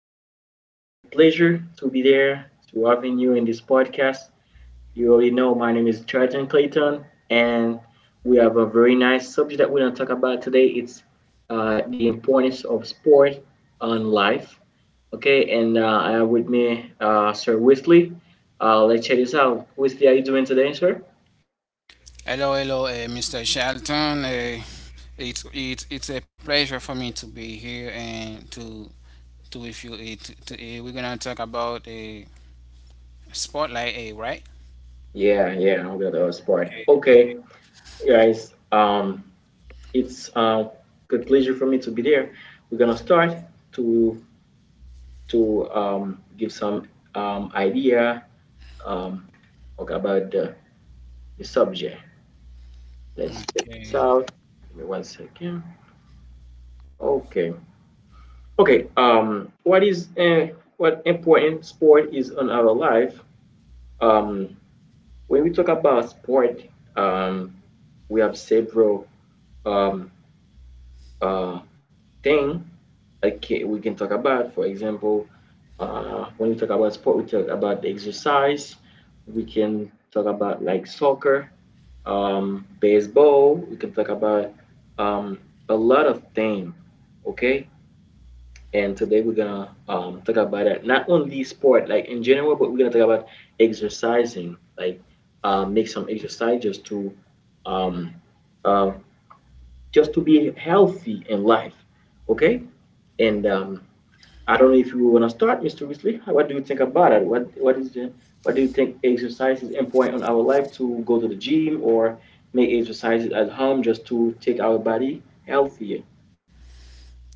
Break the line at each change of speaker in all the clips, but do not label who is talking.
a good pleasure to be there to having you in this podcast. You already know my name is Jordan Clayton, and we have a very nice subject that we're gonna talk about today. It's the importance of sport on life. Okay, and I have with me Sir Wesley. Let's check this out. Wesley, are you doing today, sir?
Hello, hello, Mr. Shelton. It's a pleasure for me to be here and to with you. We're gonna talk about a spotlight, a right?
Yeah, yeah, I'm good at sport.
Okay,
Okay,
okay.
guys. It's a good pleasure for me to be there. We're gonna start to to give some idea um, okay, about the subject. Let's check this out.
Okay.
Give me one second. Okay. Okay. What is what important sport is on our life? Um, when we talk about sport, um, we have several um, uh, thing okay, we can talk about. For example, when we talk about sport, we talk about the exercise. We can talk about like soccer, baseball. We can talk about um, a lot of things. Okay, and today we're gonna talk about that. Not only sport, like in general, but we're gonna talk about exercising. Like make some exercise um, uh, just to be healthy in life. Okay, and I don't know if you want to start, Mr. Weasley. What do you think about it? What is the, what do you think exercise is important on our life to go to the gym or make exercises at home just to take our body healthier?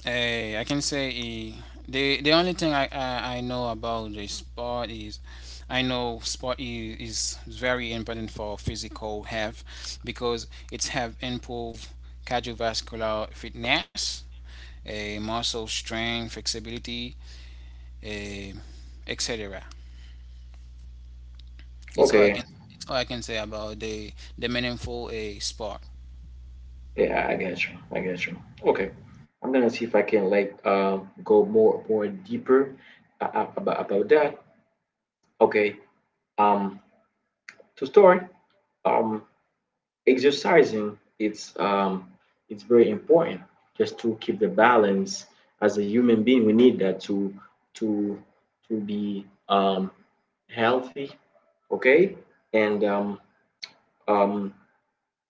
Hey, I can say, the only thing I know about the sport is I know sport is very important for physical health because it's have improved cardiovascular fitness, a muscle strength, flexibility, eh, etc. It's all I
Okay,
can it's all I can say about the meaningful a sport.
yeah, I get you. I get you. Okay, I'm gonna see if I can like go more deeper about that. Okay, um to start, um exercising it's very important just to keep the balance. As a human being we need that to to be healthy, okay, and um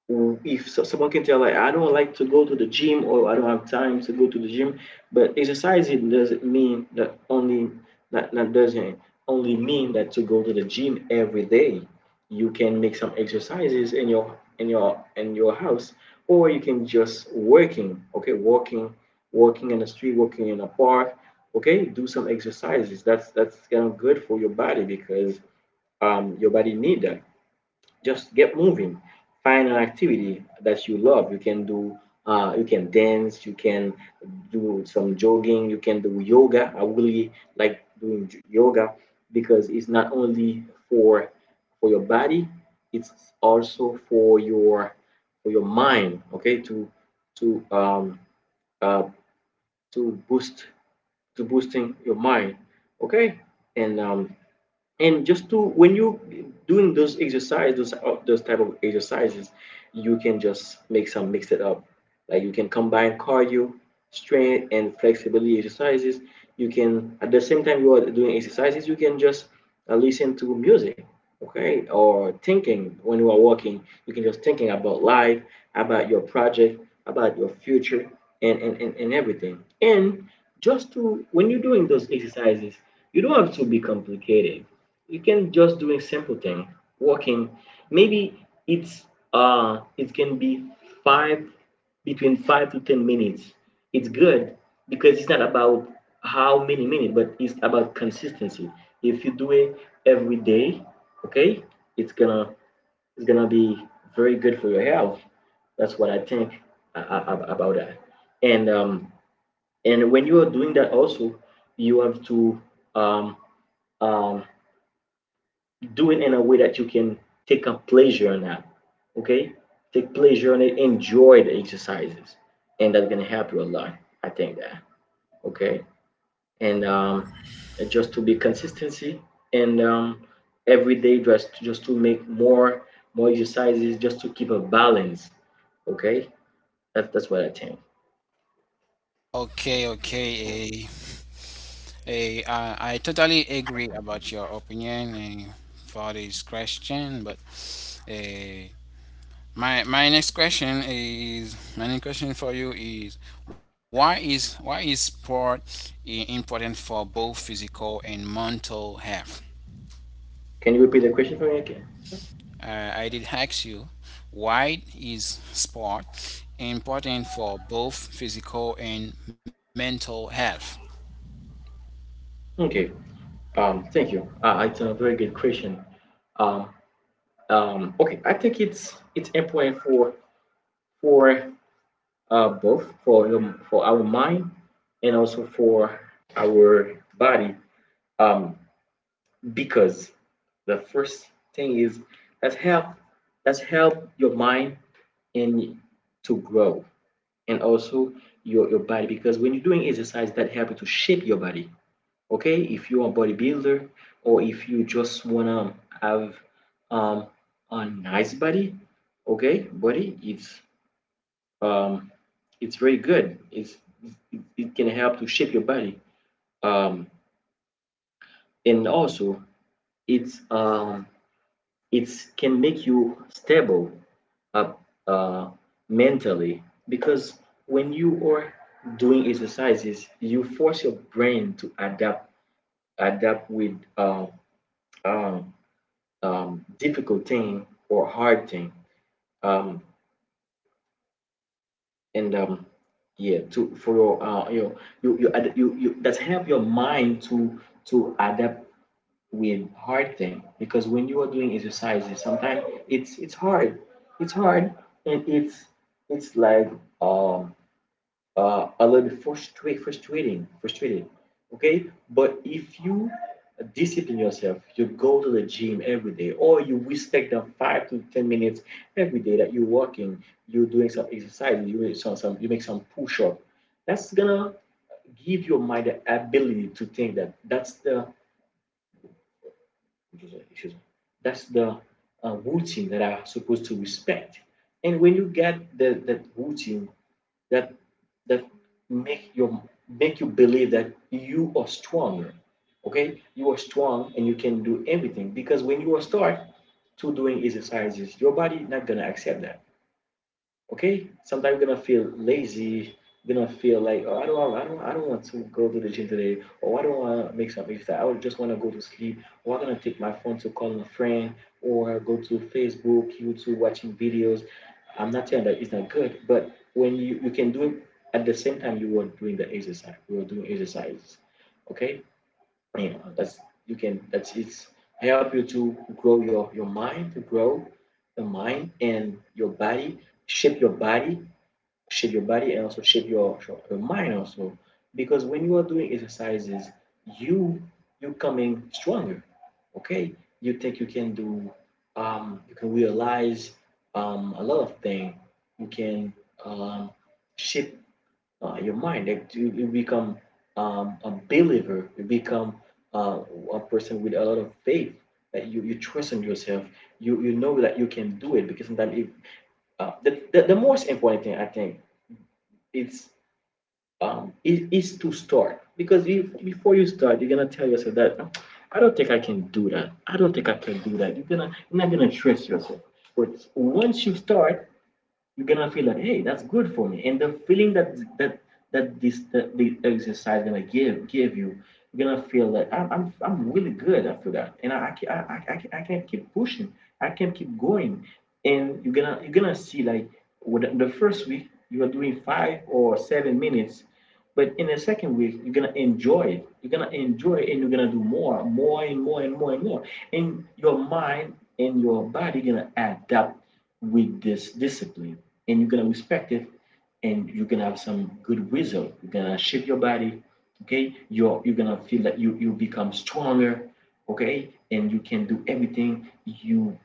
or if so, someone can tell, like, I don't like to go to the gym or I don't have time to go to the gym, but exercising doesn't mean that only that doesn't only mean that to go to the gym every day. You can make some exercises in your house, or you can just working, okay, walking, walking in the street, walking in a park, okay, do some exercises. That's kind of good for your body because your body need that. Just get moving, find an activity that you love you can do. You can dance, you can do some jogging, you can do yoga. I really like doing yoga because it's not only for your body, it's also for your mind, okay, to to um uh to boost, to boosting your mind, okay. And and just to when you doing those exercises, those type of exercises, you can just make some mix it up, like you can combine cardio, strength and flexibility exercises. You can, at the same time you are doing exercises, you can just listen to music, okay, or thinking, when you are walking you can just thinking about life, about your project, about your future, and everything. And just to, when you're doing those exercises, you don't have to be complicated, you can just do a simple thing, walking. Maybe it's it can be five between 5 to 10 minutes, it's good, because it's not about how many minutes but it's about consistency. If you do it every day, okay, it's gonna, it's gonna be very good for your health. That's what I think about that. And and when you are doing that also, you have to um um do it in a way that you can take a pleasure in that. Okay? Take pleasure in it, enjoy the exercises. And that's gonna help you a lot. I think that. Okay. And just to be consistency, and every day just to make more, more exercises just to keep a balance. Okay? That's what I think.
Okay, okay. I totally agree about your opinion, for this question, but eh, my next question for you is why is sport important for both physical and mental health?
Can you repeat the question for me again? Sure.
I did ask you, why is sport important for both physical and mental health?
Okay. Thank you. It's a very good question. Um okay, I think it's important for for both for for our mind, and also for our body. Um, because the first thing is, let's help, your mind and to grow, and also your body, because when you're doing exercise that help you to shape your body, okay. If you're a bodybuilder, or if you just wanna have um, a nice body, okay, body um, it's very good. It's, it can help to shape your body. Um, and also it's um it's can make you stable up uh, mentally, because when you are doing exercises, you force your brain to adapt, with um, difficult thing or hard thing. Um, and yeah, to for your you you, you you that's help your mind to adapt with hard thing, because when you are doing exercises sometimes it's, it's hard, and it's like um a little bit frustrate, frustrating frustrating, okay. But if you discipline yourself, you go to the gym every day, or you respect the 5 to 10 minutes every day that you're working, you're doing some exercise, you make some, you make some push-up, that's gonna give your mind the ability to think that that's the, Excuse me. That's the routine that are supposed to respect. And when you get the, that routine, that that make your, make you believe that you are stronger. Okay, you are strong and you can do everything, because when you are start to doing exercises, your body not gonna accept that. Okay, sometimes I'm gonna feel lazy, you're gonna feel like, oh, I don't want to go to the gym today, or I don't want to make some exercise. I just want to go to sleep, or I'm gonna take my phone to call a friend, or go to Facebook, YouTube, watching videos. I'm not saying that it's not good, but when you can do it at the same time you were doing the exercise, you were doing exercises. Okay, you know that's you can that's it's help you to grow your mind to grow the mind and your body, shape your body, and also shape your mind also, because when you are doing exercises you, you coming stronger, okay, you think you can do, you can realize a lot of things, you can um shape your mind, like you become a believer, you become uh, a person with a lot of faith, that you trust in yourself, you know that you can do it, because sometimes if the most important thing I think it's it is to start, because if before you start you're gonna tell yourself that, "No, I don't think I can do that, I don't think I can do that you're gonna, you're not gonna trust yourself." But once you start, you're gonna feel that, hey, that's good for me, and the feeling that that that this that the exercise gonna give, you, you're gonna feel like, I'm really good after that, and I can keep pushing, I can keep going. And you're gonna, see, like, with the first week you are doing 5 or 7 minutes, but in the second week, you're gonna enjoy it. You're gonna enjoy it, and you're gonna do more, and more. And your mind and your body gonna adapt with this discipline, and you're gonna respect it, and you're gonna have some good result. You're gonna shape your body, okay? You're gonna feel that you become stronger, okay? And you can do everything, you,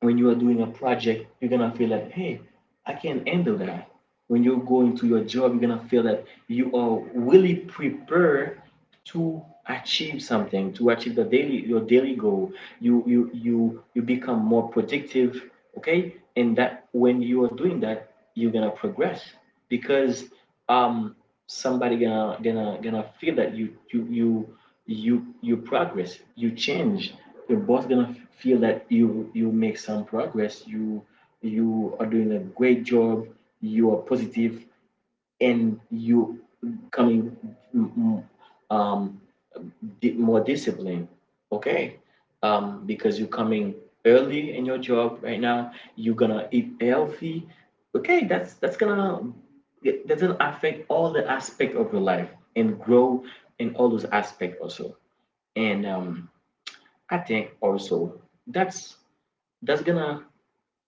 when you are doing a project, you're gonna feel like, hey, I can handle that. When you go into your job, you're gonna feel that you are really prepared to achieve something, to achieve the daily your daily goal. You become more productive, okay. And that, when you are doing that, you're gonna progress, because um somebody gonna, feel that you progress, you change. Your boss gonna feel that you make some progress, you are doing a great job, you are positive, and you coming mm, mm, um, more disciplined, okay? Because you're coming early in your job right now, you're gonna eat healthy, okay? That's gonna, that doesn't affect all the aspect of your life, and grow in all those aspects also. And I think also that's that's gonna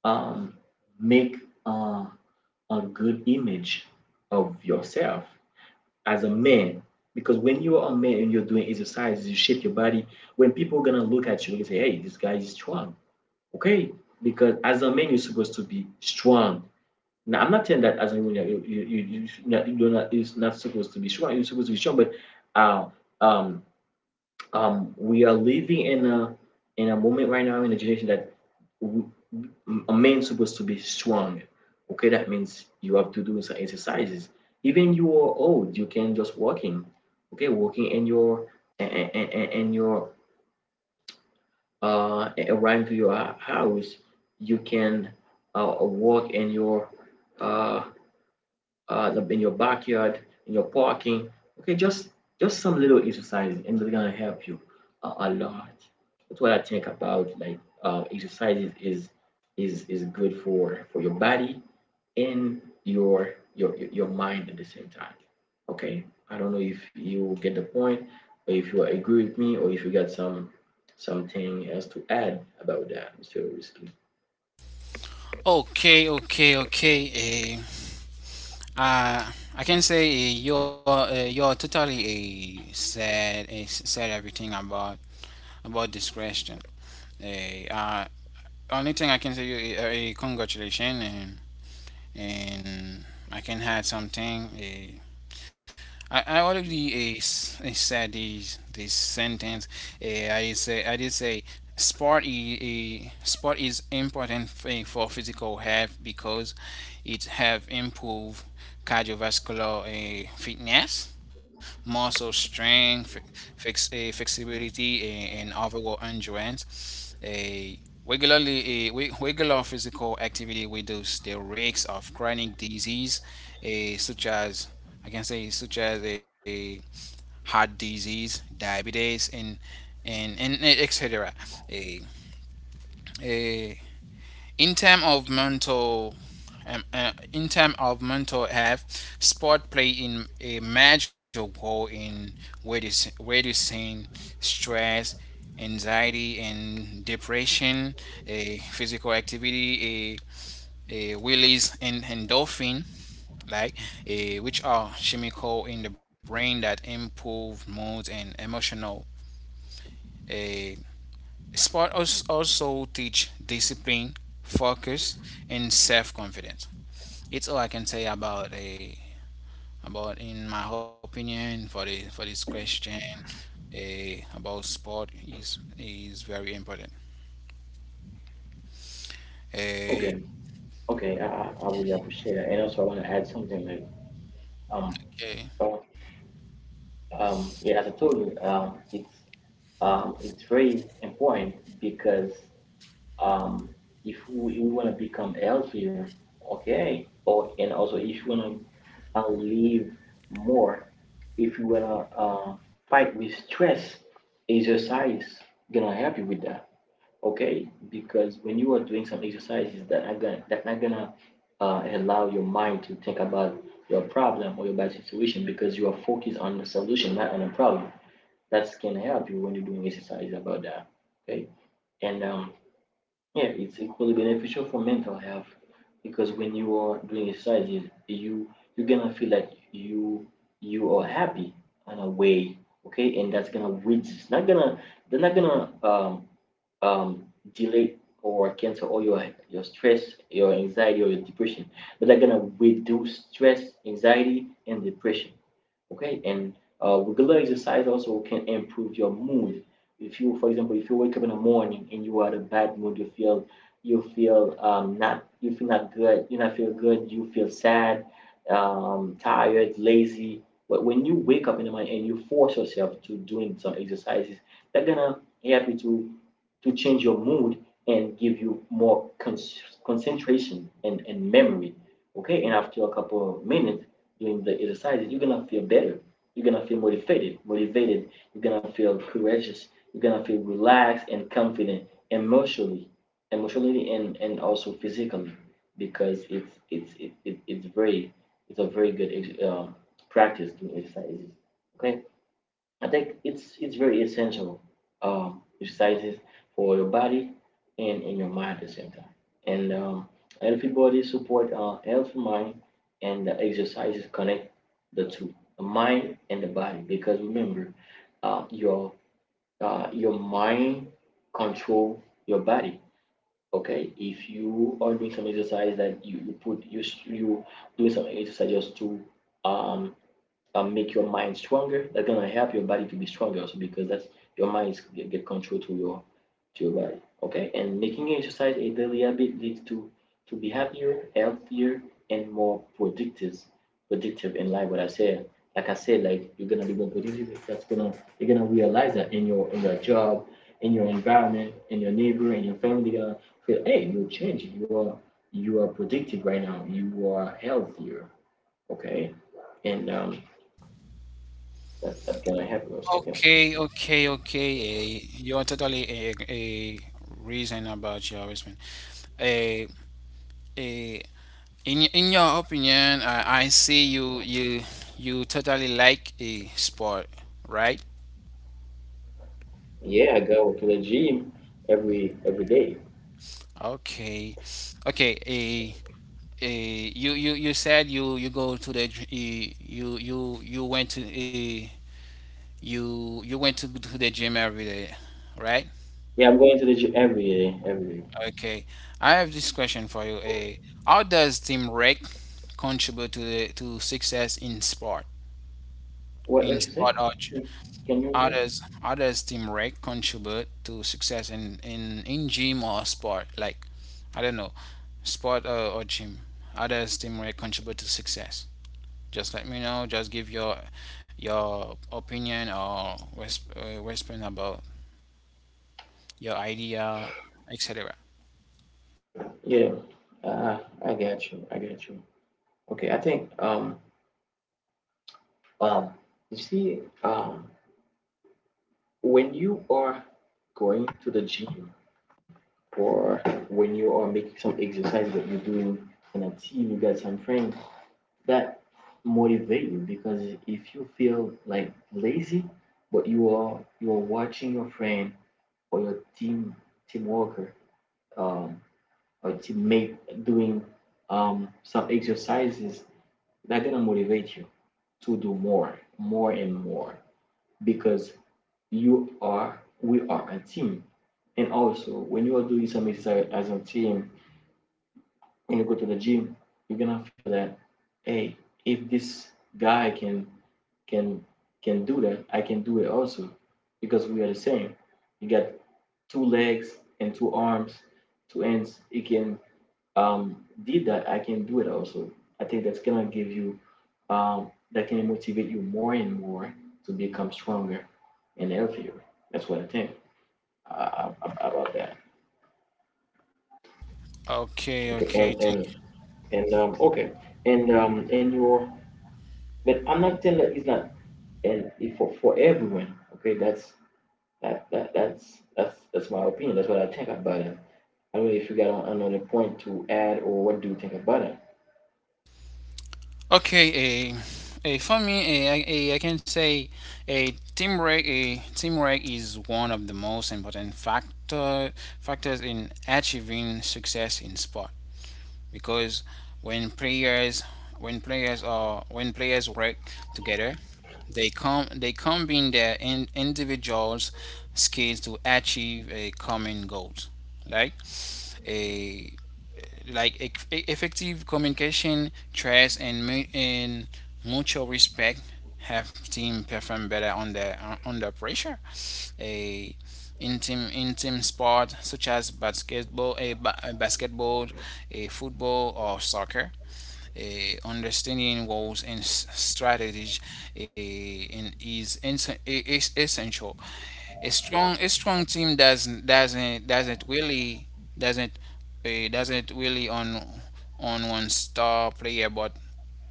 um, make uh, a good image of yourself as a man. Because when you are a man and you're doing exercises, you shape your body. When people are gonna look at you and say, "Hey, this guy is strong," okay? Because as a man, you're supposed to be strong. Now, I'm not saying that as a woman you're not, it's not supposed to be strong. You're supposed to be strong, but uh, um we are living in a moment right now in a generation that we, a man supposed to be strong. Okay, that means you have to do some exercises. Even you are old, you can just walking. Okay, walking and your and your around to your house, you can walk uh, in your backyard, in your parking. Okay, just some little exercises, and they're gonna help you a lot. That's what I think about like exercises is good for your body in your your mind at the same time. Okay, I don't know if you get the point, or if you agree with me, or if you got some something else to add about that, Mr. Risky.
Okay, okay, okay. I can say, you're totally said said everything about this question. Uh, uh, Only thing I can say you, congratulations, and I can add something. I already said this sentence. I did say sport is important for physical health because it have improved cardiovascular fitness, muscle strength, flexibility, and overall endurance. Regular physical activity reduces the risks of chronic disease, such as, I can say such as a heart disease, diabetes, and etc. A, a in terms of mental in terms of mental health, sport play in a major role in reducing stress, anxiety, and depression. A Physical activity, a release and endorphin, like which are chemical in the brain that improve mood and emotional. Uh, Sport also teach discipline, focus, and self-confidence. It's all I can say about, a about in my opinion, for the for this question, about sport is very important. Uh,
Okay, okay, I really appreciate that. And also, I want to add something like, um,
okay.
uh, yeah, as I told you, it's very important because um, if we want to become healthier, okay, or and also if you want to live more. If you wanna fight with stress, exercise gonna help you with that. Okay, because when you are doing some exercises that are gonna that not gonna allow your mind to think about your problem or your bad situation because you are focused on the solution, not on the problem. That can help you when you're doing exercise about that. Okay, and yeah, it's equally beneficial for mental health because when you are doing exercises, you you're gonna feel like you are happy in a way, okay, and that's gonna which is not gonna they're not gonna um delay or cancel all your stress, your anxiety, or your depression, but they're gonna reduce stress, anxiety, and depression, okay, and regular exercise also can improve your mood. If you, for example, if you wake up in the morning and you are in a bad mood, you feel not you feel not good, you not feel good, you feel sad, tired, lazy, but when you wake up in the morning and you force yourself to doing some exercises, they're gonna help you to change your mood and give you more concentration and memory. Okay, and after a couple of minutes doing the exercises, you're gonna feel better. You're gonna feel motivated. You're gonna feel courageous. You're gonna feel relaxed and confident emotionally, emotionally, and also physically, because it's very it's a very good um, practice doing exercises. Okay. I think it's very essential, exercises for your body and your mind at the same time. And healthy body support healthy mind, and the exercises connect the two, the mind and the body. Because remember, uh, your your mind control your body. Okay, if you are doing some exercise that you put you you doing some exercise just to um make your mind stronger. That's gonna help your body to be stronger also because that's your mind is get control to your body. Okay, and making exercise a daily habit leads to be happier, healthier, and more productive in life. What I said, like you're gonna be more productive. That's gonna you're gonna realize that in your job, in your environment, in your neighbor, in your family, they're gonna feel, hey, you're changing. You are productive right now. You are healthier. Okay, and that's that can I have those? Okay.
Okay, okay, okay. You're totally a reason about your husband. Eh, Uh, in your opinion, I see you totally like a sport, right?
Yeah, I go to the gym every day.
Okay, okay. A You said you you go to the gy- eh, you went to the gym every day, right?
Yeah, I'm going to the gym every day, every day.
Okay, I have this question for you. A How does teamwork contribute to success in sport, in
What you say?
sport, or
Hmm. Can you repeat?
Others others teamwork contribute to success in gym or sport. Like, I don't know, sport, or gym. Others teamwork contribute to success. Just let me know. Just give your opinion or response about your idea, etc.
Yeah. I got you. I got you. Okay, I think um you see when you are going to the gym or when you are making some exercise that you're doing in a team, you got some friends that motivate you because if you feel like lazy but you are watching your friend or your team team worker, um, or teammate doing some exercises that gonna motivate you to do more more and more because you are we are a team. And also when you are doing some exercise as a team, when you go to the gym, you're gonna feel that, hey, if this guy can can can do that, I can do it also because we are the same. You got two legs and two arms, two ends. It can did that. I can do it also. I think that's gonna give you that can motivate you more and more to become stronger and healthier. That's what I think uh, about that.
Okay,
Okay,
okay.
and okay, and your but I'm not telling that it's not and for everyone. Okay, that's that's that's my opinion. That's what I think about it. I mean, if you got another point to add, or what do you think about it?
Okay, a, a for me, I can say, a teamwork. A teamwork is one of the most important factors in achieving success in sport because when players when players work together, they combine their individuals skills to achieve a common goal. Like a like effective communication, trust, and mutual respect, have team perform better under, under pressure. A intim intim sport such as basketball, a, ba- a basketball, a football, or soccer. A Understanding roles and strategy, a, in, is, ins- e, is essential. A strong team doesn't doesn't really on one star player, but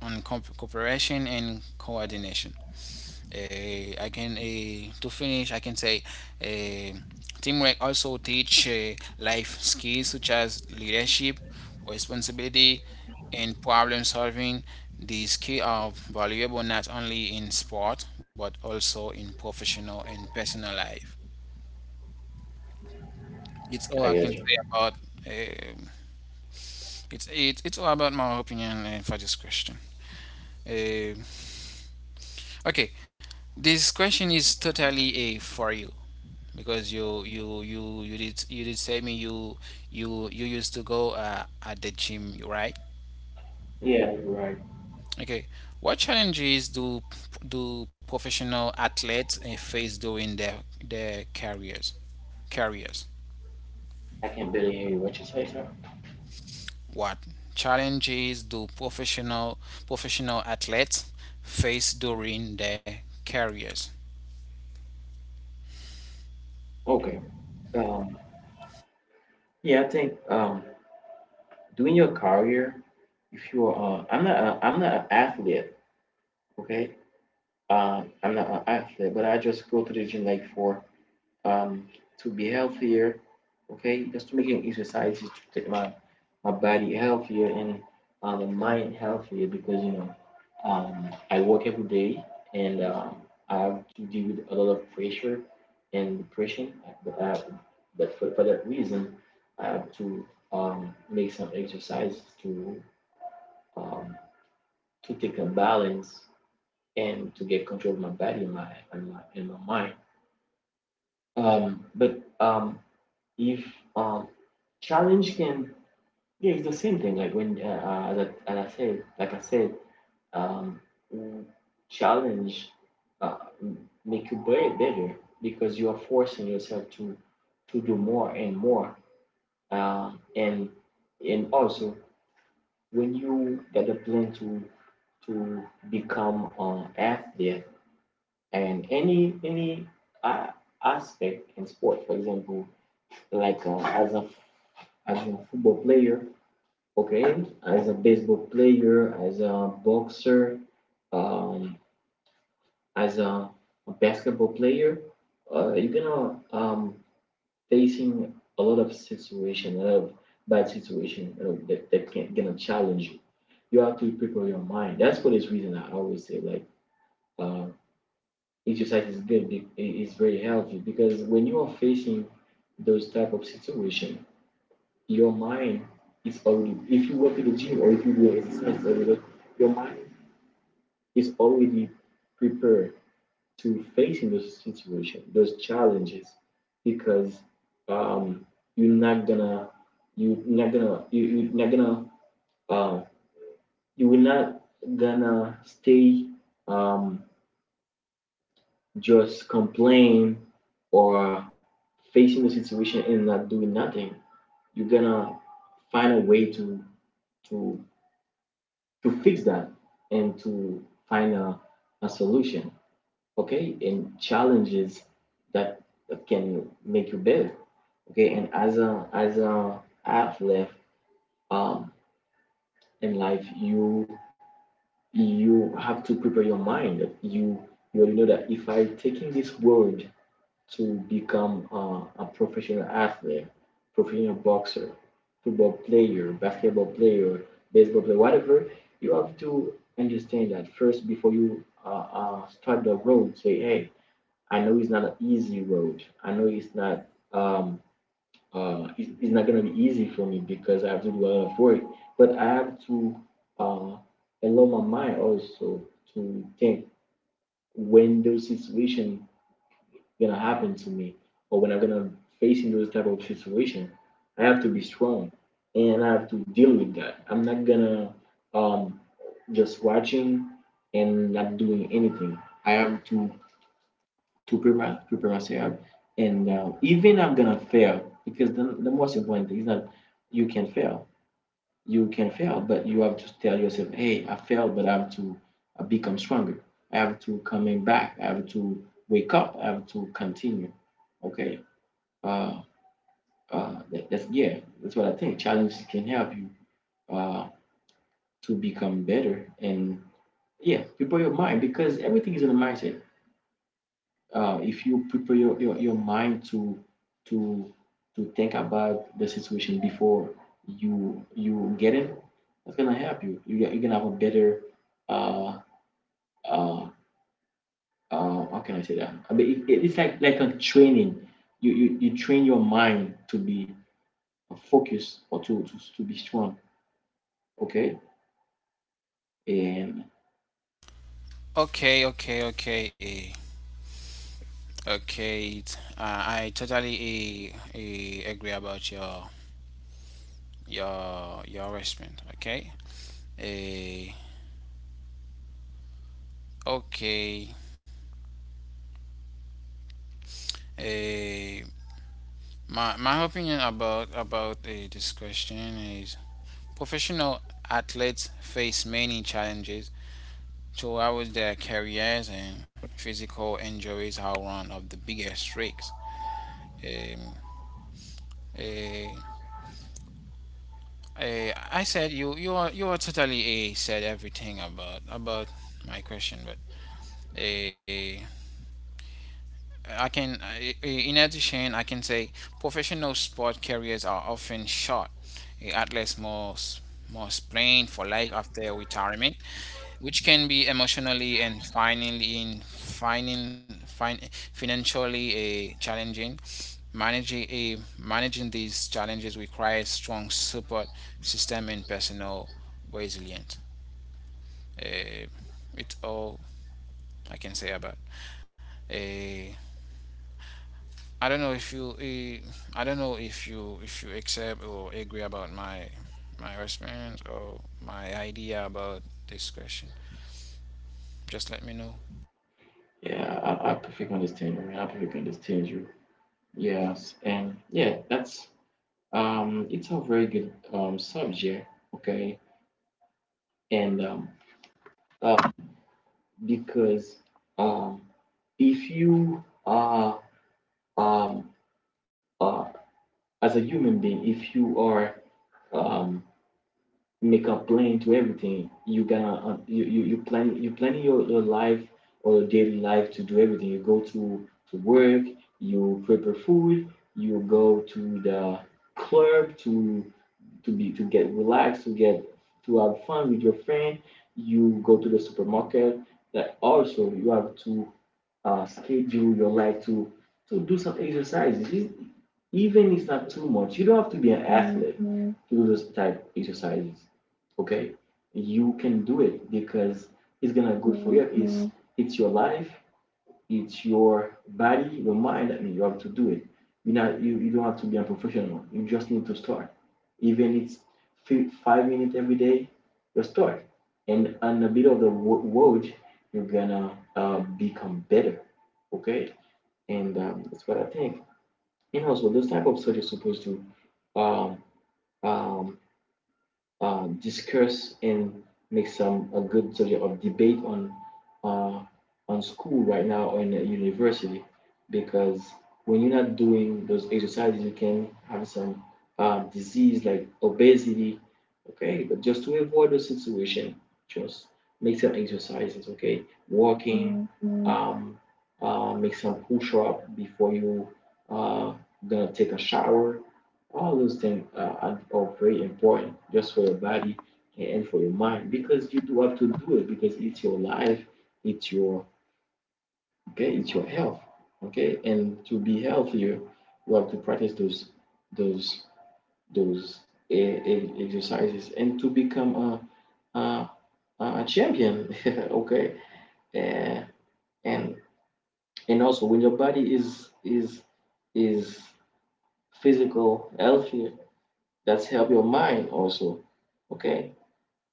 on cooperation and coordination. I can To finish, I can say, uh, teamwork also teach life skills such as leadership, responsibility, and problem solving. These skills are valuable not only in sport but also in professional and personal life. It's all I
I
can
get you.
say about. Uh, it's all about my opinion for this question. Uh, okay, this question is totally a for you, because you you did say me you used to go, at the gym, right?
Yeah, you're right.
Okay. What challenges do professional athletes face during their careers? Careers.
I can barely hear you. What you say, sir?
What challenges do professional athletes face during their careers?
Okay. Um. Yeah, I think doing your career, if you are, I'm not, a, I'm not an athlete. Okay. I'm not an athlete, but I just go to the gym like for um, to be healthier. Okay, just making exercises to take my my body healthier and my mind healthier because you know, I work every day and I have to deal with a lot of pressure and depression. But, I, but for that reason, I have to make some exercises um, to take a balance and to get control of my body and my and my mind. But if um challenge can yeah it's the same thing like when as, as I said like I said um mm, challenge make you better because you are forcing yourself to do more and more, uh, and and also when you get the plan to become an athlete and any uh, aspect in sport, for example, like as a football player. Okay, as a baseball player, as a boxer, um, as a basketball player, you're gonna facing a lot of situation, a lot of bad situation, you know, that that can gonna challenge you. You have to prepare your mind. That's for this reason I always say like, uh, exercise is good. It is very healthy because when you are facing those type of situation, your mind is already, if you work at the gym or if you do exercise every day, your mind is already prepared to facing those situation, those challenges, because um, you're not gonna you're not gonna you're not gonna uh, you will not gonna stay um, just complain or facing the situation and not doing nothing. You're gonna find a way to to fix that and to find a solution, okay? And challenges that, that can make you better, okay? And as a athlete um, in life, you have to prepare your mind. You already know that if I taking this word to become a professional athlete, professional boxer, football player, basketball player, baseball player, whatever, you have to understand that first before you start the road. Say, hey, I know it's not an easy road. I know it's not um, it's not gonna be easy for me because I have to do a lot of work. But I have to uh, allow my mind also to think when those situations gonna happen to me or when I'm gonna face into this type of situation, I have to be strong and I have to deal with that. I'm not gonna um, just watching and not doing anything. I have to prepare myself, and even I'm gonna fail because the most important thing is that you can fail. You can fail, but you have to tell yourself, "Hey, I failed, but I have to become stronger. I have to coming back. I have to wake up. I have to continue." Okay, uh, that, that's yeah, that's what I think. Challenges can help you uh, to become better and yeah, prepare your mind because everything is in the mindset. If you prepare your mind to to to think about the situation before you get it, that's gonna help you. You're gonna have a better uh uh uh how can I say that? I mean, it's like a training. You train your mind to be focused or to be strong. Okay. And
Okay, okay, okay, okay. I totally agree about your your response. Okay. Eh, okay. Eh, my opinion about, this question is, professional athletes face many challenges throughout their careers, and physical injuries are one of the biggest risks. Um, eh, I said, you are, you are totally said everything about my question, but. eh I can, in addition, I can say, professional sport careers are often short. Athletes must plan for life after retirement, which can be emotionally and finally in finding fin- financially, challenging. Managing, managing these challenges requires strong support system and personal resilience. Eh, it's all I can say about. Uh, I don't know if you eh, I don't know if you, if you accept or agree about my, my response or my idea about this question. Just let me know.
yeah, I perfectly understand you. I perfectly understand you. Yes. And yeah, that's it's a very good subject, okay? And uh because um if you are um uh as a human being, if you are um make a plan to everything. You gonna you, you you plan you planning your life or your daily life to do everything. You go to work, you prepare food, you go to the club to be to get relaxed, to get to have fun with your friend. You go to the supermarket. That also you have to schedule your life to do some exercises. Even it's not too much. You don't have to be an athlete. Mhm. To do those type exercises, okay, you can do it because it's gonna be good for you. It's Mhm. It's your life, it's your body, your mind. I mean, you have to do it, you know, you don't have to be a professional, you just need to start, even if it's 5 minutes every day. You start and on the middle of the road, you're gonna become better, okay. And that's what I think. And also those type of search is supposed to um, um, discuss and make some a good subject of debate uh, on school right now or in a university, because when you're not doing those exercises you can have some disease like obesity, okay, but just to avoid those situation, just make some exercises, okay. Walking, um, make some push up before you uh, gonna take a shower. All those things are very important just for your body and for your mind, because you do have to do it because it's your life, it's your, okay, it's your health. Okay, and to be healthier you have to practice those those exercises, and to become a a, a champion okay. Eh, and and also when your body is physical healthier, that's help your mind also, okay.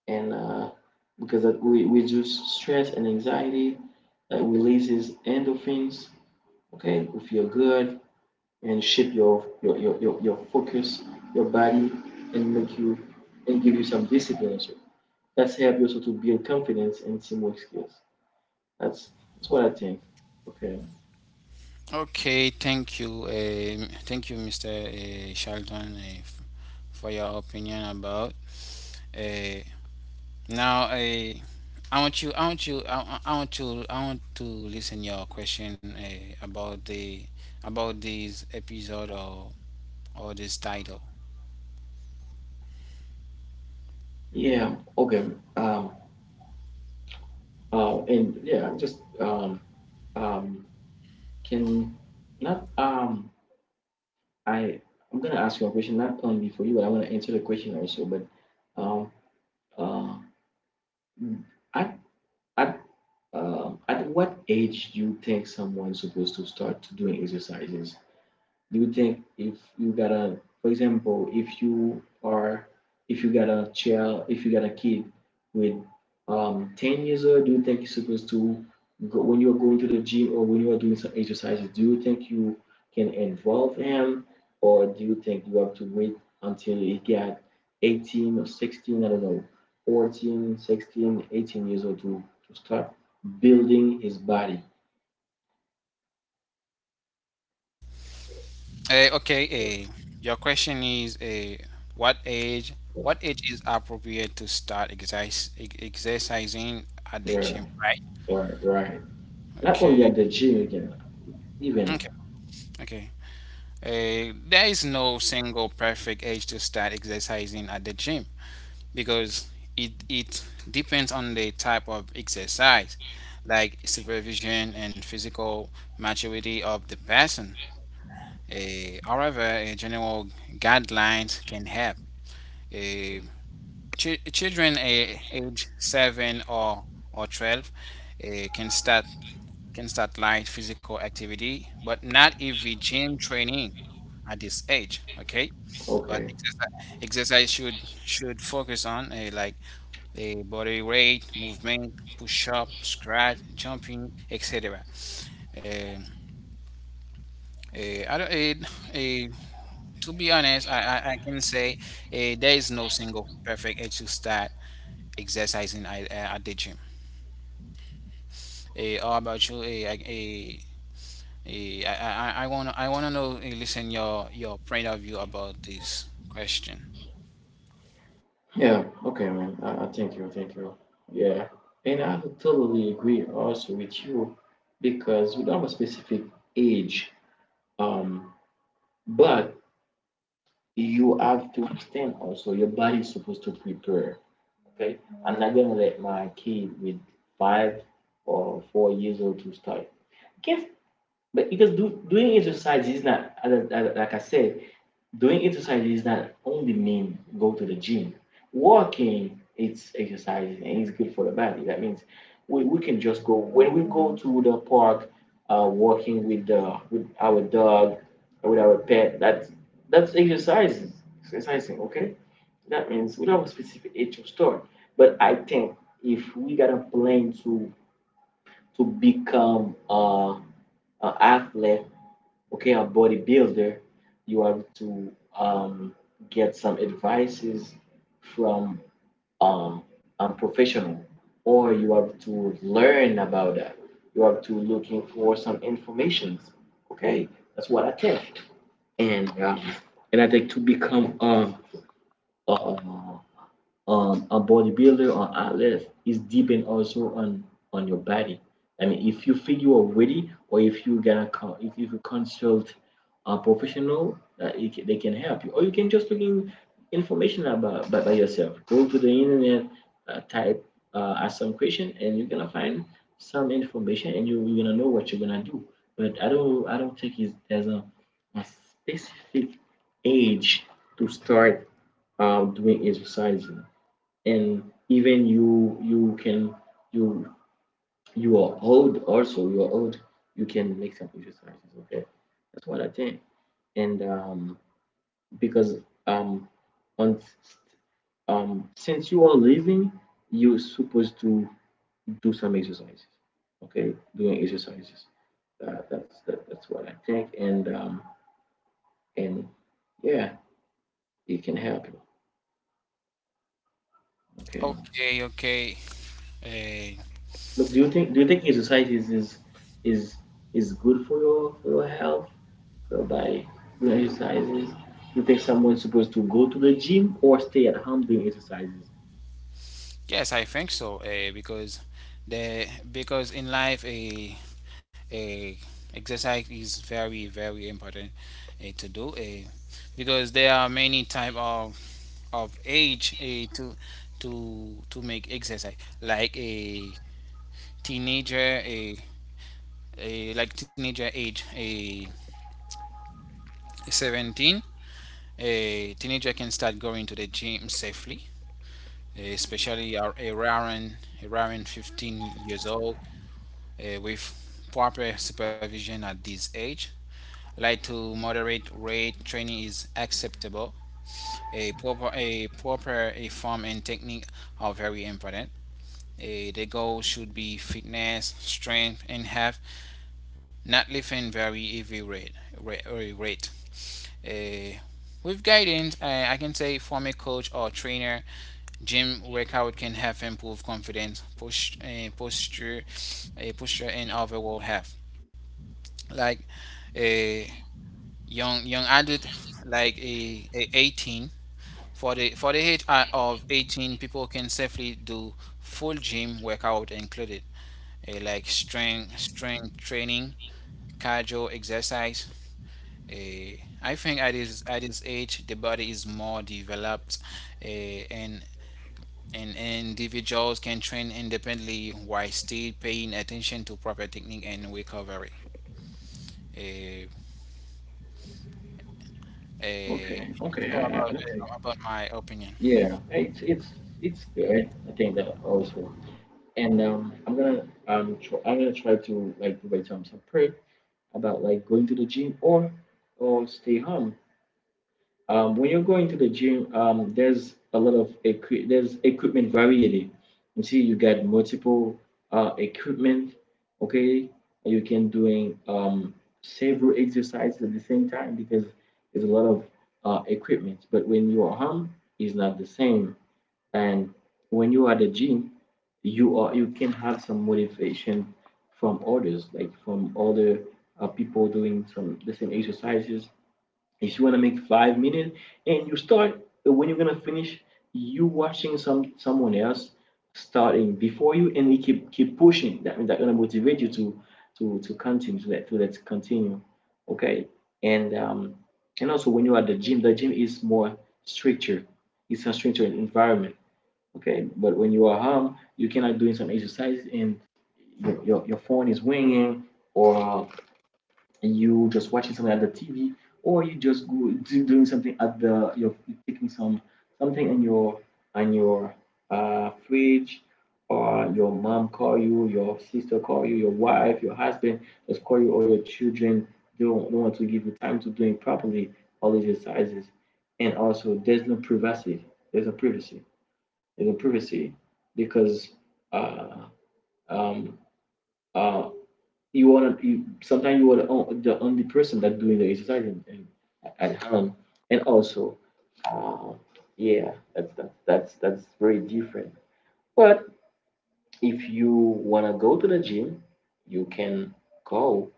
And because we reduce stress and anxiety, that releases endorphins. Okay, we feel good and shift your your focus, your body, and make you and give you some discipline also. That's help you also to build confidence and teamwork skills. That's what I think. Okay.
Okay, thank you, Mr. Shelton, for your opinion about. Uh, Now, I want you, I want you, I want to listen your question, about the, about this episode, or this title.
Yeah. Okay. Um. And yeah. Just. Um. Can not I. I'm gonna ask you a question not only for you, but I want to answer the question also. But um, uh, at at at what age do you think someone's supposed to start doing exercises? Do you think if you got a, for example, if you are, if you got a child, if you got a kid with 10 years old, do you think you're supposed to go when you're going to the gym, or when you are doing some exercises, do you think you can involve him, or do you think you have to wait until he got 18 or 16, I don't know, 14, 16, 18 years old to start building his body.
Okay, your question is, what age, what age is appropriate to start exercise, exercising at the
Yeah,
gym, right?
right, right, not only
Okay,
at the gym, you can. Even
okay, okay. There is no single perfect age to start exercising at the gym, because it depends on the type of exercise, like supervision and physical maturity of the person. However, general guidelines can help. Uh, Children, age 7 or 12, can start, light physical activity, but not if we gym training at this age. Okay, but
okay,
exercise, exercise should focus on, like the body weight movement, push up, squat, jumping, etc. Eh, eh, I don't, eh, eh, To be honest, I can say, there is no single perfect age to start exercising at, at the gym. How about you? Eh, I, eh, eh, I want, I wanna know, listen, your point of view about this question.
yeah, okay, man. Thank you, thank you. Yeah, and I totally agree also with you, because we don't have a specific age, um, but you have to understand also your body is supposed to prepare. Okay, I'm not gonna let my kid with 5 or 4 years old to start. Yes, but because doing exercise is not as, like I said, doing exercises not only mean go to the gym. Walking, it's exercise and it's good for the body. That means we can just go when we go to the park, walking with the with our dog, with our pet. That's exercising, exercising. Okay, that means we don't have a specific age to start. But I think if we got a plan to become an athlete, okay, a bodybuilder, you have to um, get some advices from um, a professional, or you have to learn about that. You have to looking for some informations. Okay, that's what I think. And um, and I think to become a on a bodybuilder or athlete is depend also on your body. I mean, if you feel you are ready, or if you gonna if you consult a professional, they can help you, or you can just look in information about by yourself. Go to the internet, type ask some question, and you're gonna find some information, and you're gonna know what you're gonna do. But I don't think it's there's a specific age to start doing exercise. And even you can you you are old, also you are old, you can make some exercises, okay. That's what I think. And because um on since you are living, you're supposed to do some exercises, okay, doing exercises. That's what I think. And Yeah, it can help you, okay.
Okay, okay. Uh,
But do you think, do you think exercises is is good for your, for your health, whereby doing exercises you think someone's supposed to go to the gym or stay at home doing exercises.
yes, I think so. Because, the because in life, a exercise is very very important to do. Because there are many type of age, to make exercise, like a teenager, a like teenager age, a 17, a teenager can start going to the gym safely, especially around 15 years old, with proper supervision at this age. Light to moderate rate training is acceptable. A proper a form and technique are very important. The goal should be fitness, strength, and health, not lifting very heavy rate. Rate, rate. Uh, with guidance, I can say, former coach or trainer, gym workout can help improve confidence, push, posture, posture, and overall health. Like a young young adult, like a 18, for the age, of 18, people can safely do full gym workout included, like strength training, cardio exercise. Uh, I think at his age, the body is more developed, uh, and and individuals can train independently while still paying attention to proper technique and recovery. Uh, it's all about,
Don't think.
about my opinion.
Yeah, it's good. I think that also. And I'm gonna try to like provide some support about like going to the gym or stay home. When you're going to the gym, there's a lot of there's equipment variety. You see, you got multiple equipment. Okay, you can doing several exercises at the same time, because there's a lot of equipment. But when you are home, it's not the same. And when you are at the gym, you can have some motivation from others, like from other people doing some the same exercises. If you want to make 5 minutes and you start, when you're gonna finish, you watching some someone else starting before you, and you keep pushing, that means that's gonna motivate you to to continue, to let, to let's continue, okay. And and also when you're at the gym, the gym is more structured, it's a structured environment, okay. But when you are home you cannot doing some exercise and your phone is ringing, or, and you just watching something at the TV, or you just go doing something at the, you're taking some something in your on your fridge, or your mom call you, your sister call you, your wife, your husband just call you, or your children don't want to give you time to doing properly all these exercises. And also there's no privacy. There's no privacy. There's no privacy, because uh, um, uh, you wanna you sometimes you are the only person that doing the exercise at home. And also, uh, yeah, that's very different. But if you wanna go to the gym, you can go,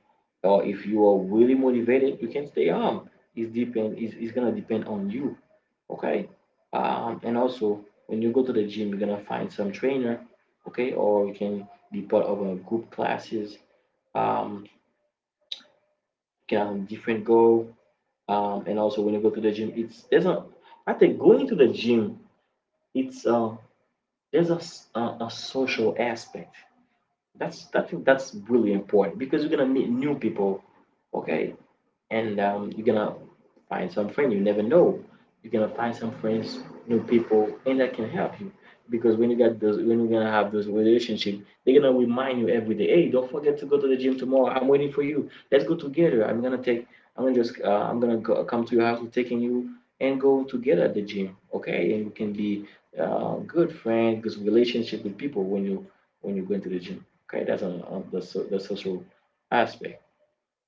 or if you are really motivated you can stay home. It's gonna depend on you, okay. And also when you go to the gym you're gonna find some trainer, okay, or you can be part of a group classes. You can have different goal. And also when you go to the gym it's there's a, I think going to the gym it's there's a social aspect, that's I think that's really important, because you're gonna meet new people, okay. And you're gonna find some friend. You never know. You're gonna find some friends, new people, and that can help you. Because when you get those, when you're gonna have those relationship, they're gonna remind you every day. Hey, don't forget to go to the gym tomorrow. I'm waiting for you. Let's go together. I'm gonna take. I'm gonna just. I'm gonna go, come to your house, taking you, and go together at the gym. Okay, and you can be good friend, good relationship with people when you go into the gym. Okay, that's on, on the social aspect.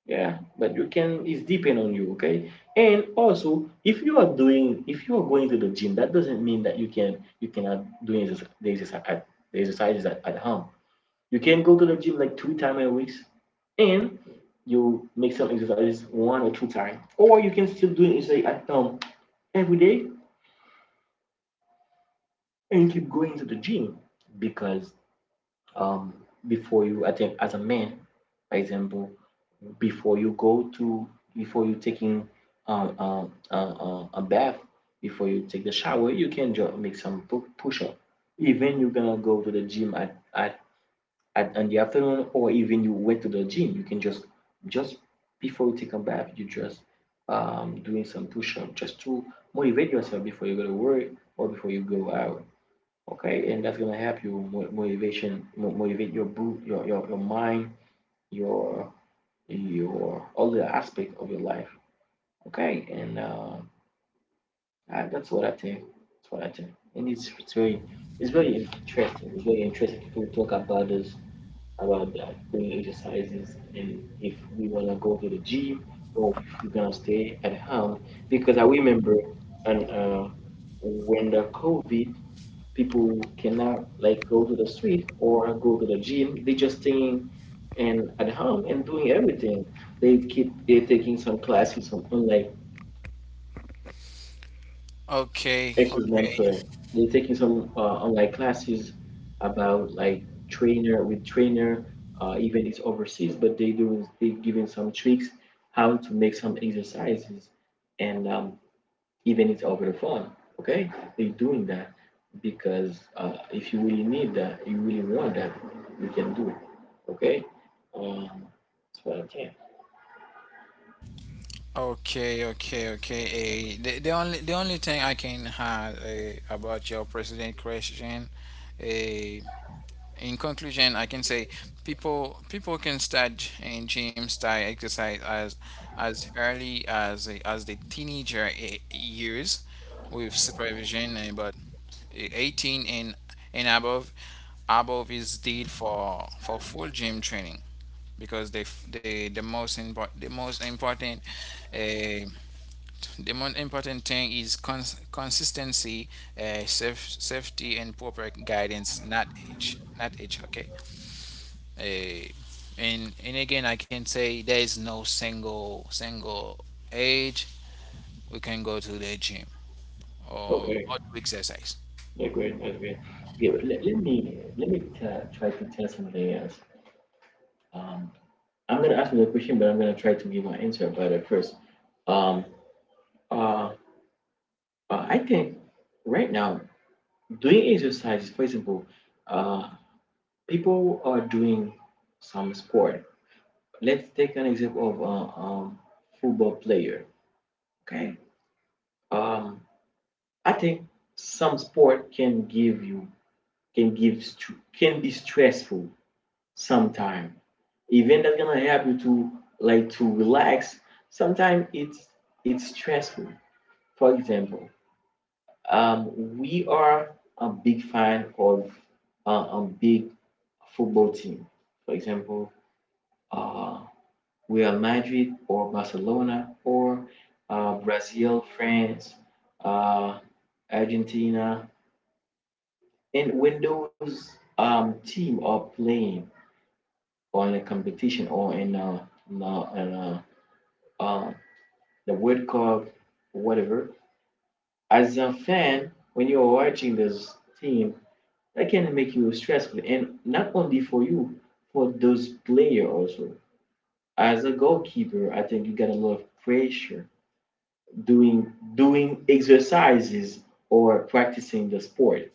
Yeah, but you can, it's depend on you. Okay, and also if you are doing, if you are going to the gym, that doesn't mean that you can, you cannot do exercise, the exercise at the exercises at home. You can go to the gym like three times a week, and you make some exercises one or two times, or you can still do exercise at home every day and keep going to the gym, because um, before you, I think, as a man, for example, before you go to, before you taking um, uh, a bath, before you take the shower, you can just make some push up. Even you're gonna go to the gym at in the afternoon, or even you went to the gym, you can just just before you take a bath, you just doing some push up just to motivate yourself before you go to work or before you go out. Okay, and that's gonna help you motivation, motivate your boot your mind, your your all the aspect of your life. Okay, and that's what I think. That's what I think, and it's very, it's very interesting. It's very interesting to talk about this, about that, doing exercises, and if we want to go to the gym or if we're gonna stay at home. Because I remember, and when the COVID, people cannot like go to the street or go to the gym. They just staying and at home and doing everything. They taking some classes, some online,
Okay,
excuse me, I'm
okay,
sorry. They're taking some online classes about like trainer with trainer, even it's overseas, but they giving some tricks how to make some exercises. And even it's over the phone. Okay, they're doing that because if you really need that, you really want that, you can do it. Okay, um, that's what I can.
okay, okay, okay. The only thing I can add, about your president question, uh, in conclusion, I can say, people can start in gym style exercise as early as as the teenager years, with supervision, and but 18 and above, above is deed for full gym training, because the the most important, uh, thing is consistency, safety, and proper guidance, not age, not age. Okay. Eh, and again, I can say, there is no single single age we can go to the gym
Okay,
or do exercise.
that's great. That's great. Okay, let me, let me try to tell something else. Um, I'm gonna ask you the question, but I'm gonna try to give my answer about it first. Um, uh, I think right now doing exercises, for example, uh, people are doing some sport. Let's take an example of a football player. Okay. Um, I think some sport can give you, can give can be stressful sometimes. Even that's gonna help you to like to relax, sometimes it's stressful. For example, we are a big fan of a big football team. For example, uh, Real Madrid or Barcelona or Brazil, France, uh, Argentina. And when those team are playing on a competition or uh, um, the World Cup, or whatever, as a fan, when you're watching this team, that can make you stressful. And not only for you, for those players also. As a goalkeeper, I think you get a lot of pressure doing exercises or practicing the sport,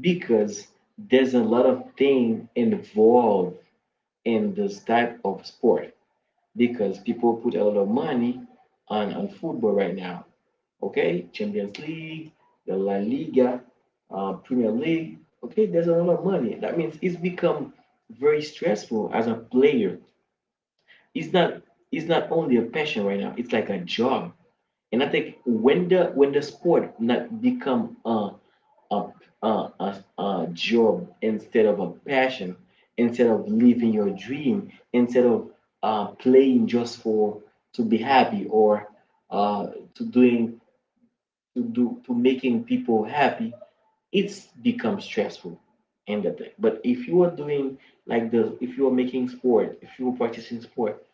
because there's a lot of things involved in this type of sport, because people put a lot of money on football right now. Okay, Champions League, the La Liga, Premier League. Okay, there's a lot of money. That means it's become very stressful as a player. It's not it's not only a passion right now. It's like a job. And I think when the sport not become a a, a job, instead of a passion, instead of living your dream, instead of playing just for to be happy, or uh, to doing to making people happy, it's become stressful and the thing. But if you are doing, like the if you are making sport, if you are practicing sport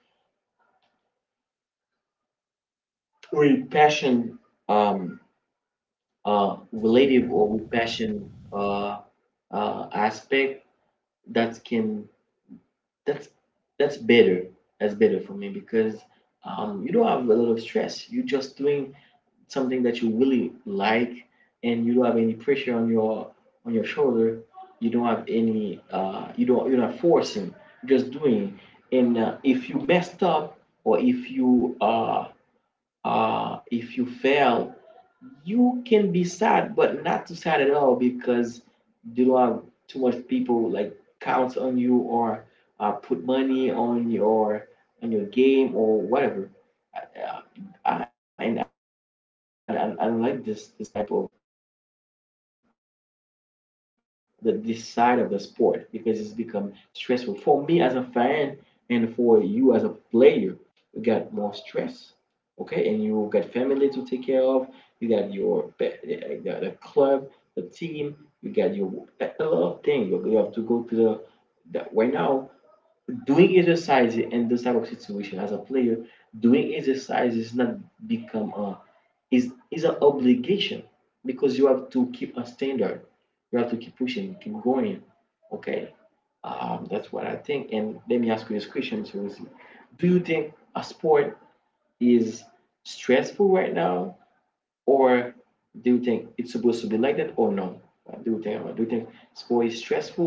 with passion, um relative, or with passion aspect, that can, that's that's better, that's better for me, because you don't have a lot of stress, you're just doing something that you really like, and you don't have any pressure on your, on your shoulder. You don't have any you don't, you're not forcing, you're just doing. And if you messed up or if you fail, you can be sad, but not too sad at all, because you don't have too much people like count on you or put money on your, on your game or whatever. Uh, and I like this type of the this side of the sport, because it's become stressful for me as a fan and for you as a player. You got more stress, okay? And you got family to take care of. You got your the club, the team, you get your a lot of things. You have to go to the, that right now doing exercise in this type of situation as a player, doing exercise is not become a, is an obligation because you have to keep a standard. You have to keep pushing, keep going. Okay, that's what I think. And let me ask you this question, so we'll see. Do you think a sport is stressful right now? Or do you think it's supposed to be like that or no? Like, do you think sport is stressful,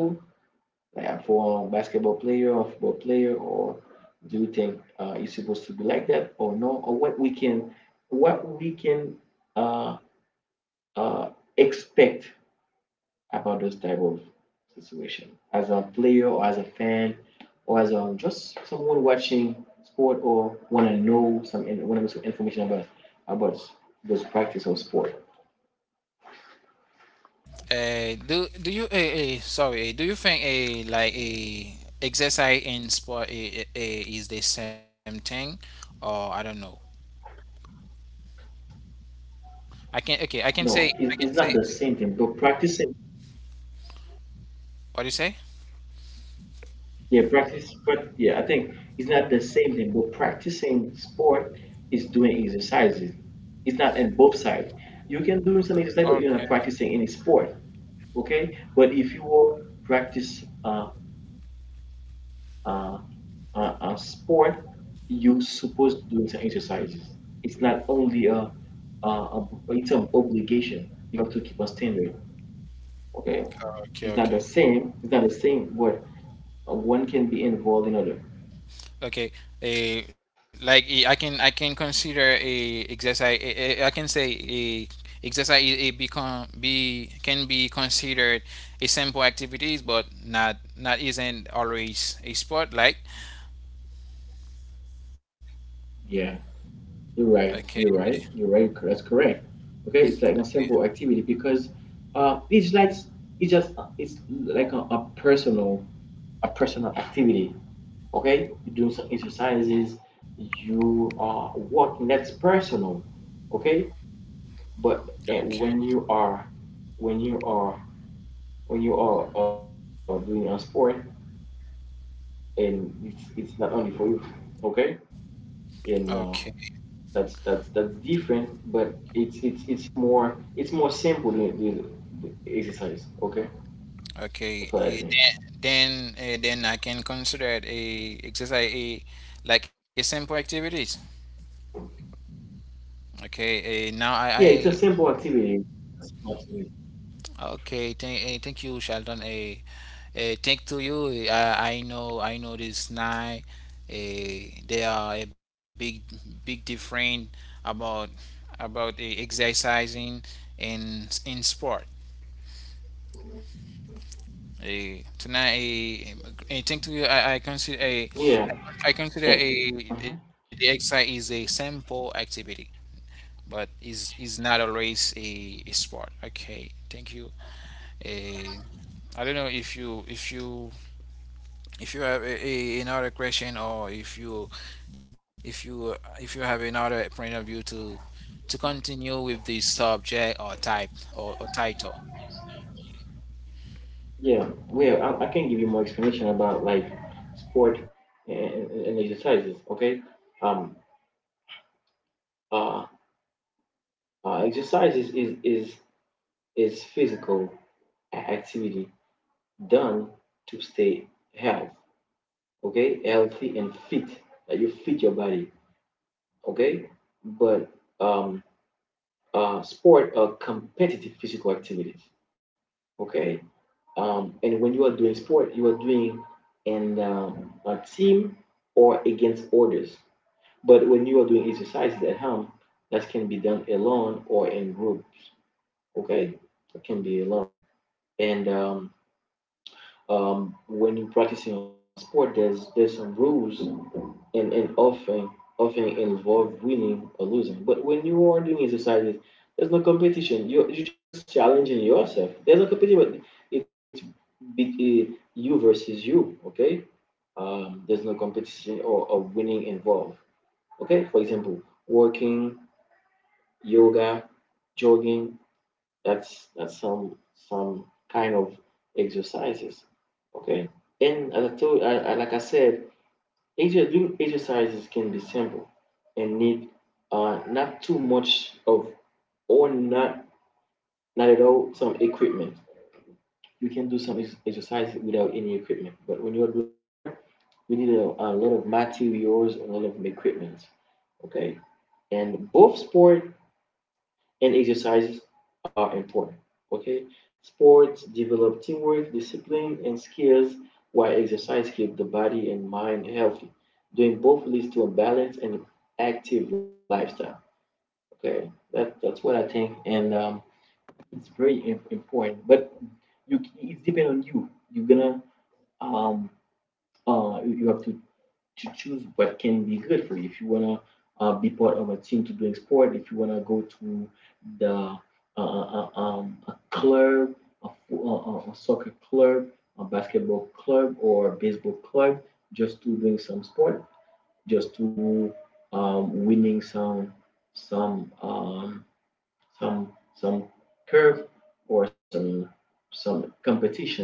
like for a basketball player or football player? Or do you think it's supposed to be like that or no? Or what we can, what we can uh, uh, expect about those type of situation as a player or as a fan, or as a just someone watching sport, or want to know some want to know some information about those practice of sport.
Do do you, sorry, do you think a like a exercise and sport is the same thing, or I don't know? I can.
No,
Okay. I can
it's
say.
not the
I can
same
say.
thing, but practicing,
What do you say?
yeah, practice, but yeah, I think it's not the same thing, but practicing sport is doing exercises. It's not in both sides. You can do some exercise, but you're
Okay.
not practicing any sport, okay? But if you will practice uh, sport, you supposed to do some exercises. It's not only a, it's an obligation because you have to keep a standard. Okay,
Okay. Okay.
it's not the same. It's not the same, but one can be involved in other.
Okay, I can, I can consider a exercise. I can say, a exercise, it become, be, can be considered a simple activities, but not not isn't always a sport. Like,
Yeah, you're
okay,
right. You're right. You're right. That's correct. Okay, it's like a
okay,
simple activity, because it's like, it's like a personal, a personal activity. Okay, you're doing some exercises. You are working. That's personal. Okay, but
okay,
when you are when you are doing a sport, and it's not only for you, okay? And
okay,
that's, that's different, but it's more, it's more simple than the exercise. Okay, that's what
okay.
I
eh,
think.
then then, then I can consider it a exercise, a like a simple activities. Okay, now
Yeah, it's
I,
a simple activity. It's a simple activity.
okay. Thank you, Sheldon. Thank to you. I know, I know this nine. They are a big, big different about about, exercising in sport. Tonight, thank
Yeah,
to you.
and uh
I consider a the exercise is a simple activity, but is not always a sport. Okay, thank you. Uh, I don't know if you if you if you have a, another question, or if you, if you, if you have another point of view to continue with the subject or type, or title.
yeah, well, I can give you more explanation about like sport, and, and exercises. Okay. um uh, exercise is physical activity done to stay health, okay, healthy and fit. That you fit your body, okay. But um, sport are competitive physical activities, okay. And when you are doing sport, you are doing in a team or against others. But when you are doing exercises at home, that can be done alone or in groups. Okay, that can be alone. And when you're practicing a sport, there's some rules, and often involve winning or losing. But when you are doing exercises, there's no competition. You're just challenging yourself. There's no competition. It's you versus you. Okay. There's no competition or winning involved. Okay. For example, working, yoga, jogging. That's, some kind of exercises. Okay. And as I told, like I said, doing exercises can be simple and need not too much of, or not, not at all some equipment. You can do some exercise without any equipment, but when you're doing sport, you need a lot of materials and a lot of equipment. Okay, and both sport and exercises are important. Okay, sports develop teamwork, discipline, and skills, while exercise keep the body and mind healthy. Doing both leads to a balanced and active lifestyle. Okay, that, that's what I think, and it's very important. But you, it's depend on you. You're gonna um you have to choose what can be good for you. If you wanna be part of a team to doing sport, if you wanna go to the a club, a, a soccer club, a basketball club, or a baseball club, just to doing some sport, just to winning some, some um, some curve or some competition.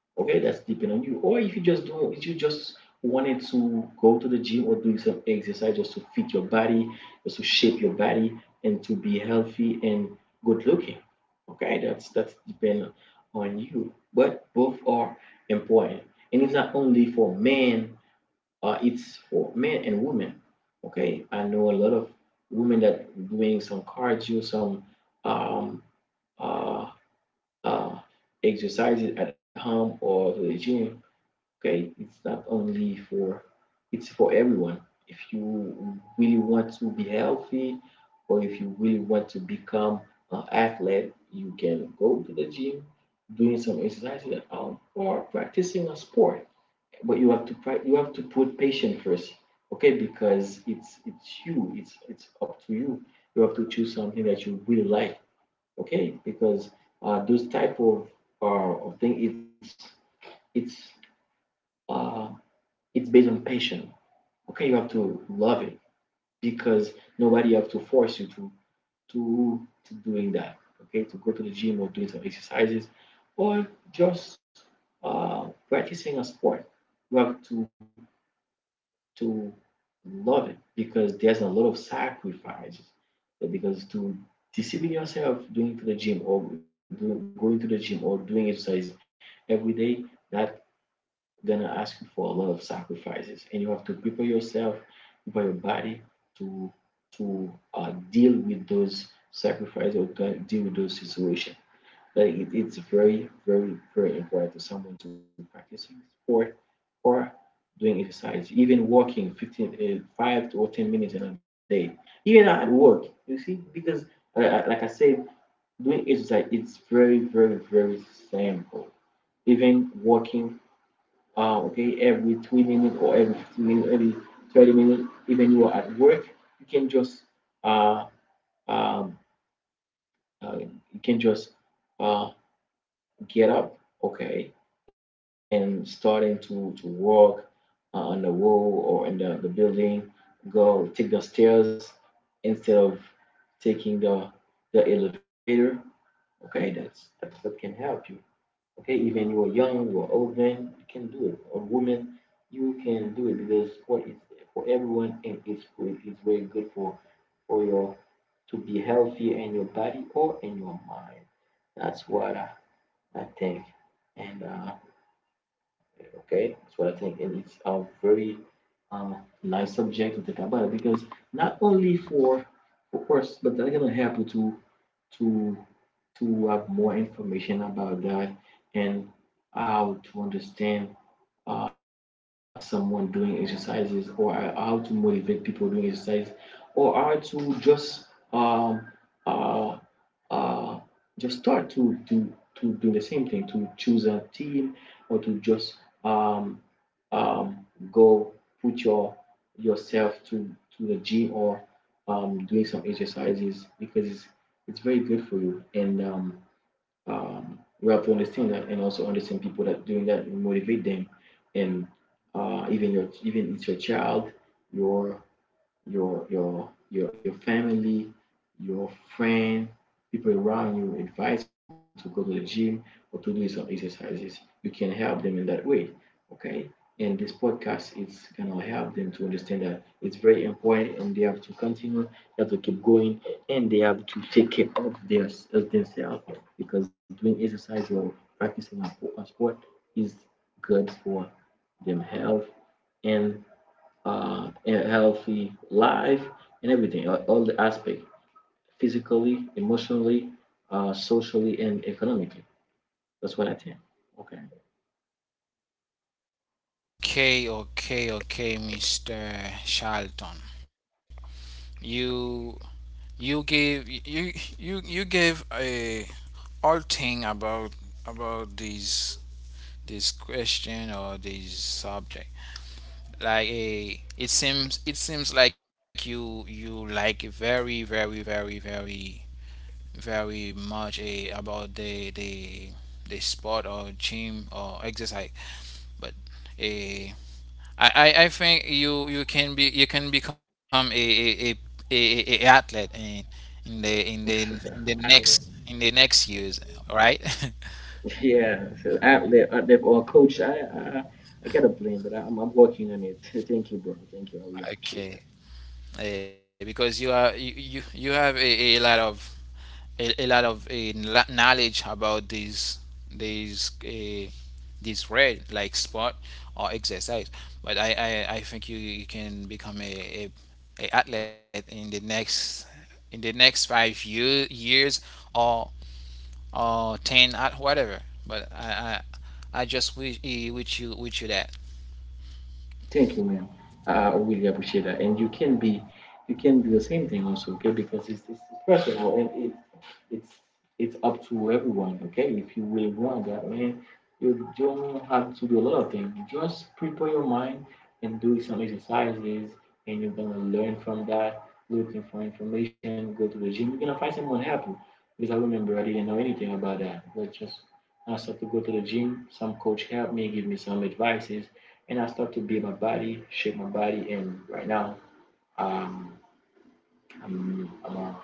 Okay, that's depending on you. Or if you just don't, if you just wanted to go to the gym or do some exercise just to fit your body, just to shape your body and to be healthy and good looking. Okay, that's depend on you. But both are important. And it's not only for men, it's for men and women. Okay, I know a lot of women that doing some cardio, some um, uh, uh, exercises at home or to the gym. Okay, it's not only for, it's for everyone. If you really want to be healthy or if you really want to become an athlete, you can go to the gym, doing some exercise at home or practicing a sport. But you have to you have to put patient first. Okay, because it's it's up to you. You have to choose something that you really like. Okay, because those type of uh, of thing it's uh, it's based on passion. Okay, you have to love it because nobody have to force you to to doing that. Okay, to go to the gym or doing some exercises or just practicing a sport. You have to love it because there's a lot of sacrifices. So because to discipline yourself doing to the gym or going to the gym or doing exercise every day, that gonna ask you for a lot of sacrifices, and you have to prepare yourself, prepare your body to to deal with those sacrifices or to deal with those situations. Like it's very, very, very important to someone to practicing sport or doing exercise, even walking 15, five or 10 minutes in a day, even at work, you see, because like I said, doing exercise, it's very, very, very simple. Even walking, okay, every 3 minutes or every 15 minutes, every 30 minutes, even you are at work, you can just uh, um, you can just uh, get up, okay, and starting to walk on the wall or in the building. Go take the stairs instead of taking the elevator. Okay, that's what can help you. Okay, even you are young, you are old man, you can do it. Or woman, you can do it, because sport is for everyone and it's good. It's very good for your, to be healthy in your body or in your mind. That's what I think. And okay, that's what I think. And it's a very uh, nice subject to think about because not only for us, but that's gonna happen to to have more information about that, and how to understand someone doing exercises, or how to motivate people doing exercise, or how to um, uh, uh, just start to do the same thing, to choose a team, or to just um, um, go put your yourself to the gym, or doing some exercises, because it's very good for you. And we have to understand that, and also understand people that doing that, motivate them. And even your, even it's your child, your your your family, your friend, people around you, advise them to go to the gym or to do some exercises. You can help them in that way. Okay? And this podcast is gonna help them to understand that it's very important, and they have to continue, they have to keep going, and they have to take care of of themselves, because doing exercise or practicing a sport is good for them health and a healthy life and everything, all the aspect, physically, emotionally, socially, and economically. That's what I think. Okay.
Okay, okay, okay, Mr. Charlton, you you gave you you, you gave a, all thing about this, this question or this subject. Like a it seems It seems like you like very very very very very much, a about the sport, or gym, or exercise, but, a I think you, you can be, you can become a a athlete in the, in the, in
Outlive.
the next, in the next years, right?
Yeah, so outlive, outlive, or coach. I gotta blame, but I'm working on it. Thank you, bro. Thank you. I really appreciate that.
Okay. Because you are, you have a lot of, a, a lot of uh, knowledge about these, this red, like sport or exercise, but I think you, you can become a, a athlete in the next, in the next 5 year, years, or or 10 at whatever. But I just wish, wish you that.
Thank you, man. I really appreciate that. And you can be, you can do the same thing also, okay? Because it's personal, and it's it's up to everyone, okay? If you really want that, man, you don't have to do a lot of things. Just prepare your mind and do some exercises, and you're gonna learn from that. Looking for information, go to the gym. You're gonna find someone help you. Because I remember I didn't know anything about that. But just I started to go to the gym. Some coach helped me, give me some advices, and I start to build my body, shape my body, and right now, um, I'm a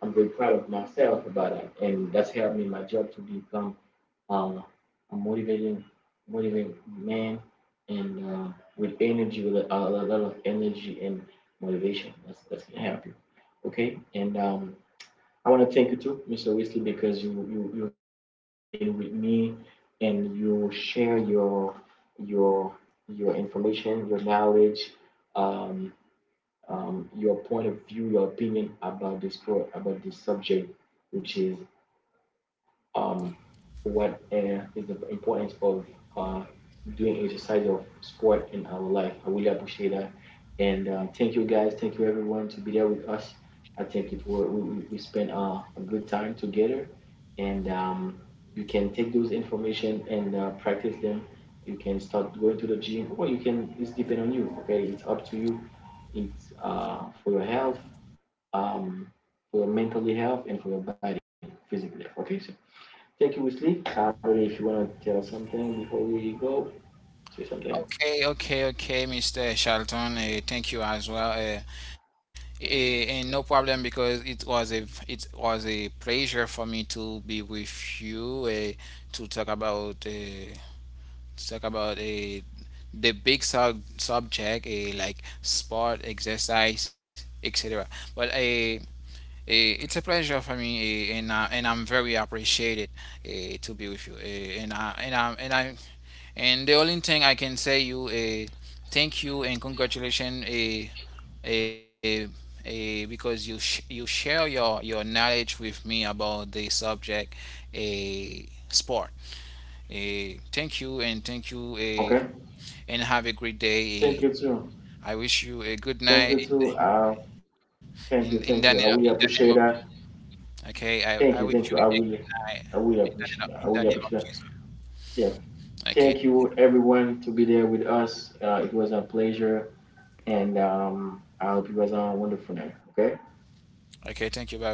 I'm very proud of myself about that, and that's helped me in my job to become uh, a motivating man, and with energy, with a lot of energy and motivation. That's gonna help you. Okay, and I want to thank you too, Mr. Wesley, because you you've been with me, and you share your your information, your knowledge. Um, your point of view, your opinion about this pro about this subject, which is um, what is the importance of uh, doing exercise of sport in our life. I really appreciate that. And thank you guys. Thank you everyone to be there with us. I think it were, we spent a good time together. And you can take those information and practice them. You can start going to the gym, or you can, it's depend on you. Okay. It's up to you. It's for your health, um, for your mentally health and for your body physically. Okay. So check you with sleep. Saturday, if you want to tell us something before we go, say something.
Okay, okay, okay, Mr. Charlton, thank you as well. And no problem, because it was a pleasure for me to be with you, to talk about uh, to talk about, the big subject, like sport, exercise, etc. But, it's a pleasure for me, and I'm very appreciated, to be with you. And the only thing I can say you. Thank you, and congratulations. Uh, uh, because you you share your knowledge with me about the subject, a sport. A thank you and Thank you, a
Okay.
and have a great
Thank
day.
you, too.
I wish you a good
Thank
night.
you, too. Thank
In
you. I
the
really
name of,
appreciate that.
okay, I wish you
Thank you.
a good night.
I really
In the name
appreciate
of,
that. I
in the
really
name
appreciate
of
that.
Jesus.
Yeah. Thank
Okay,
you, everyone, to be there with us. It was a pleasure. And I hope you guys have a wonderful night. Okay.
okay, thank you. Bye bye.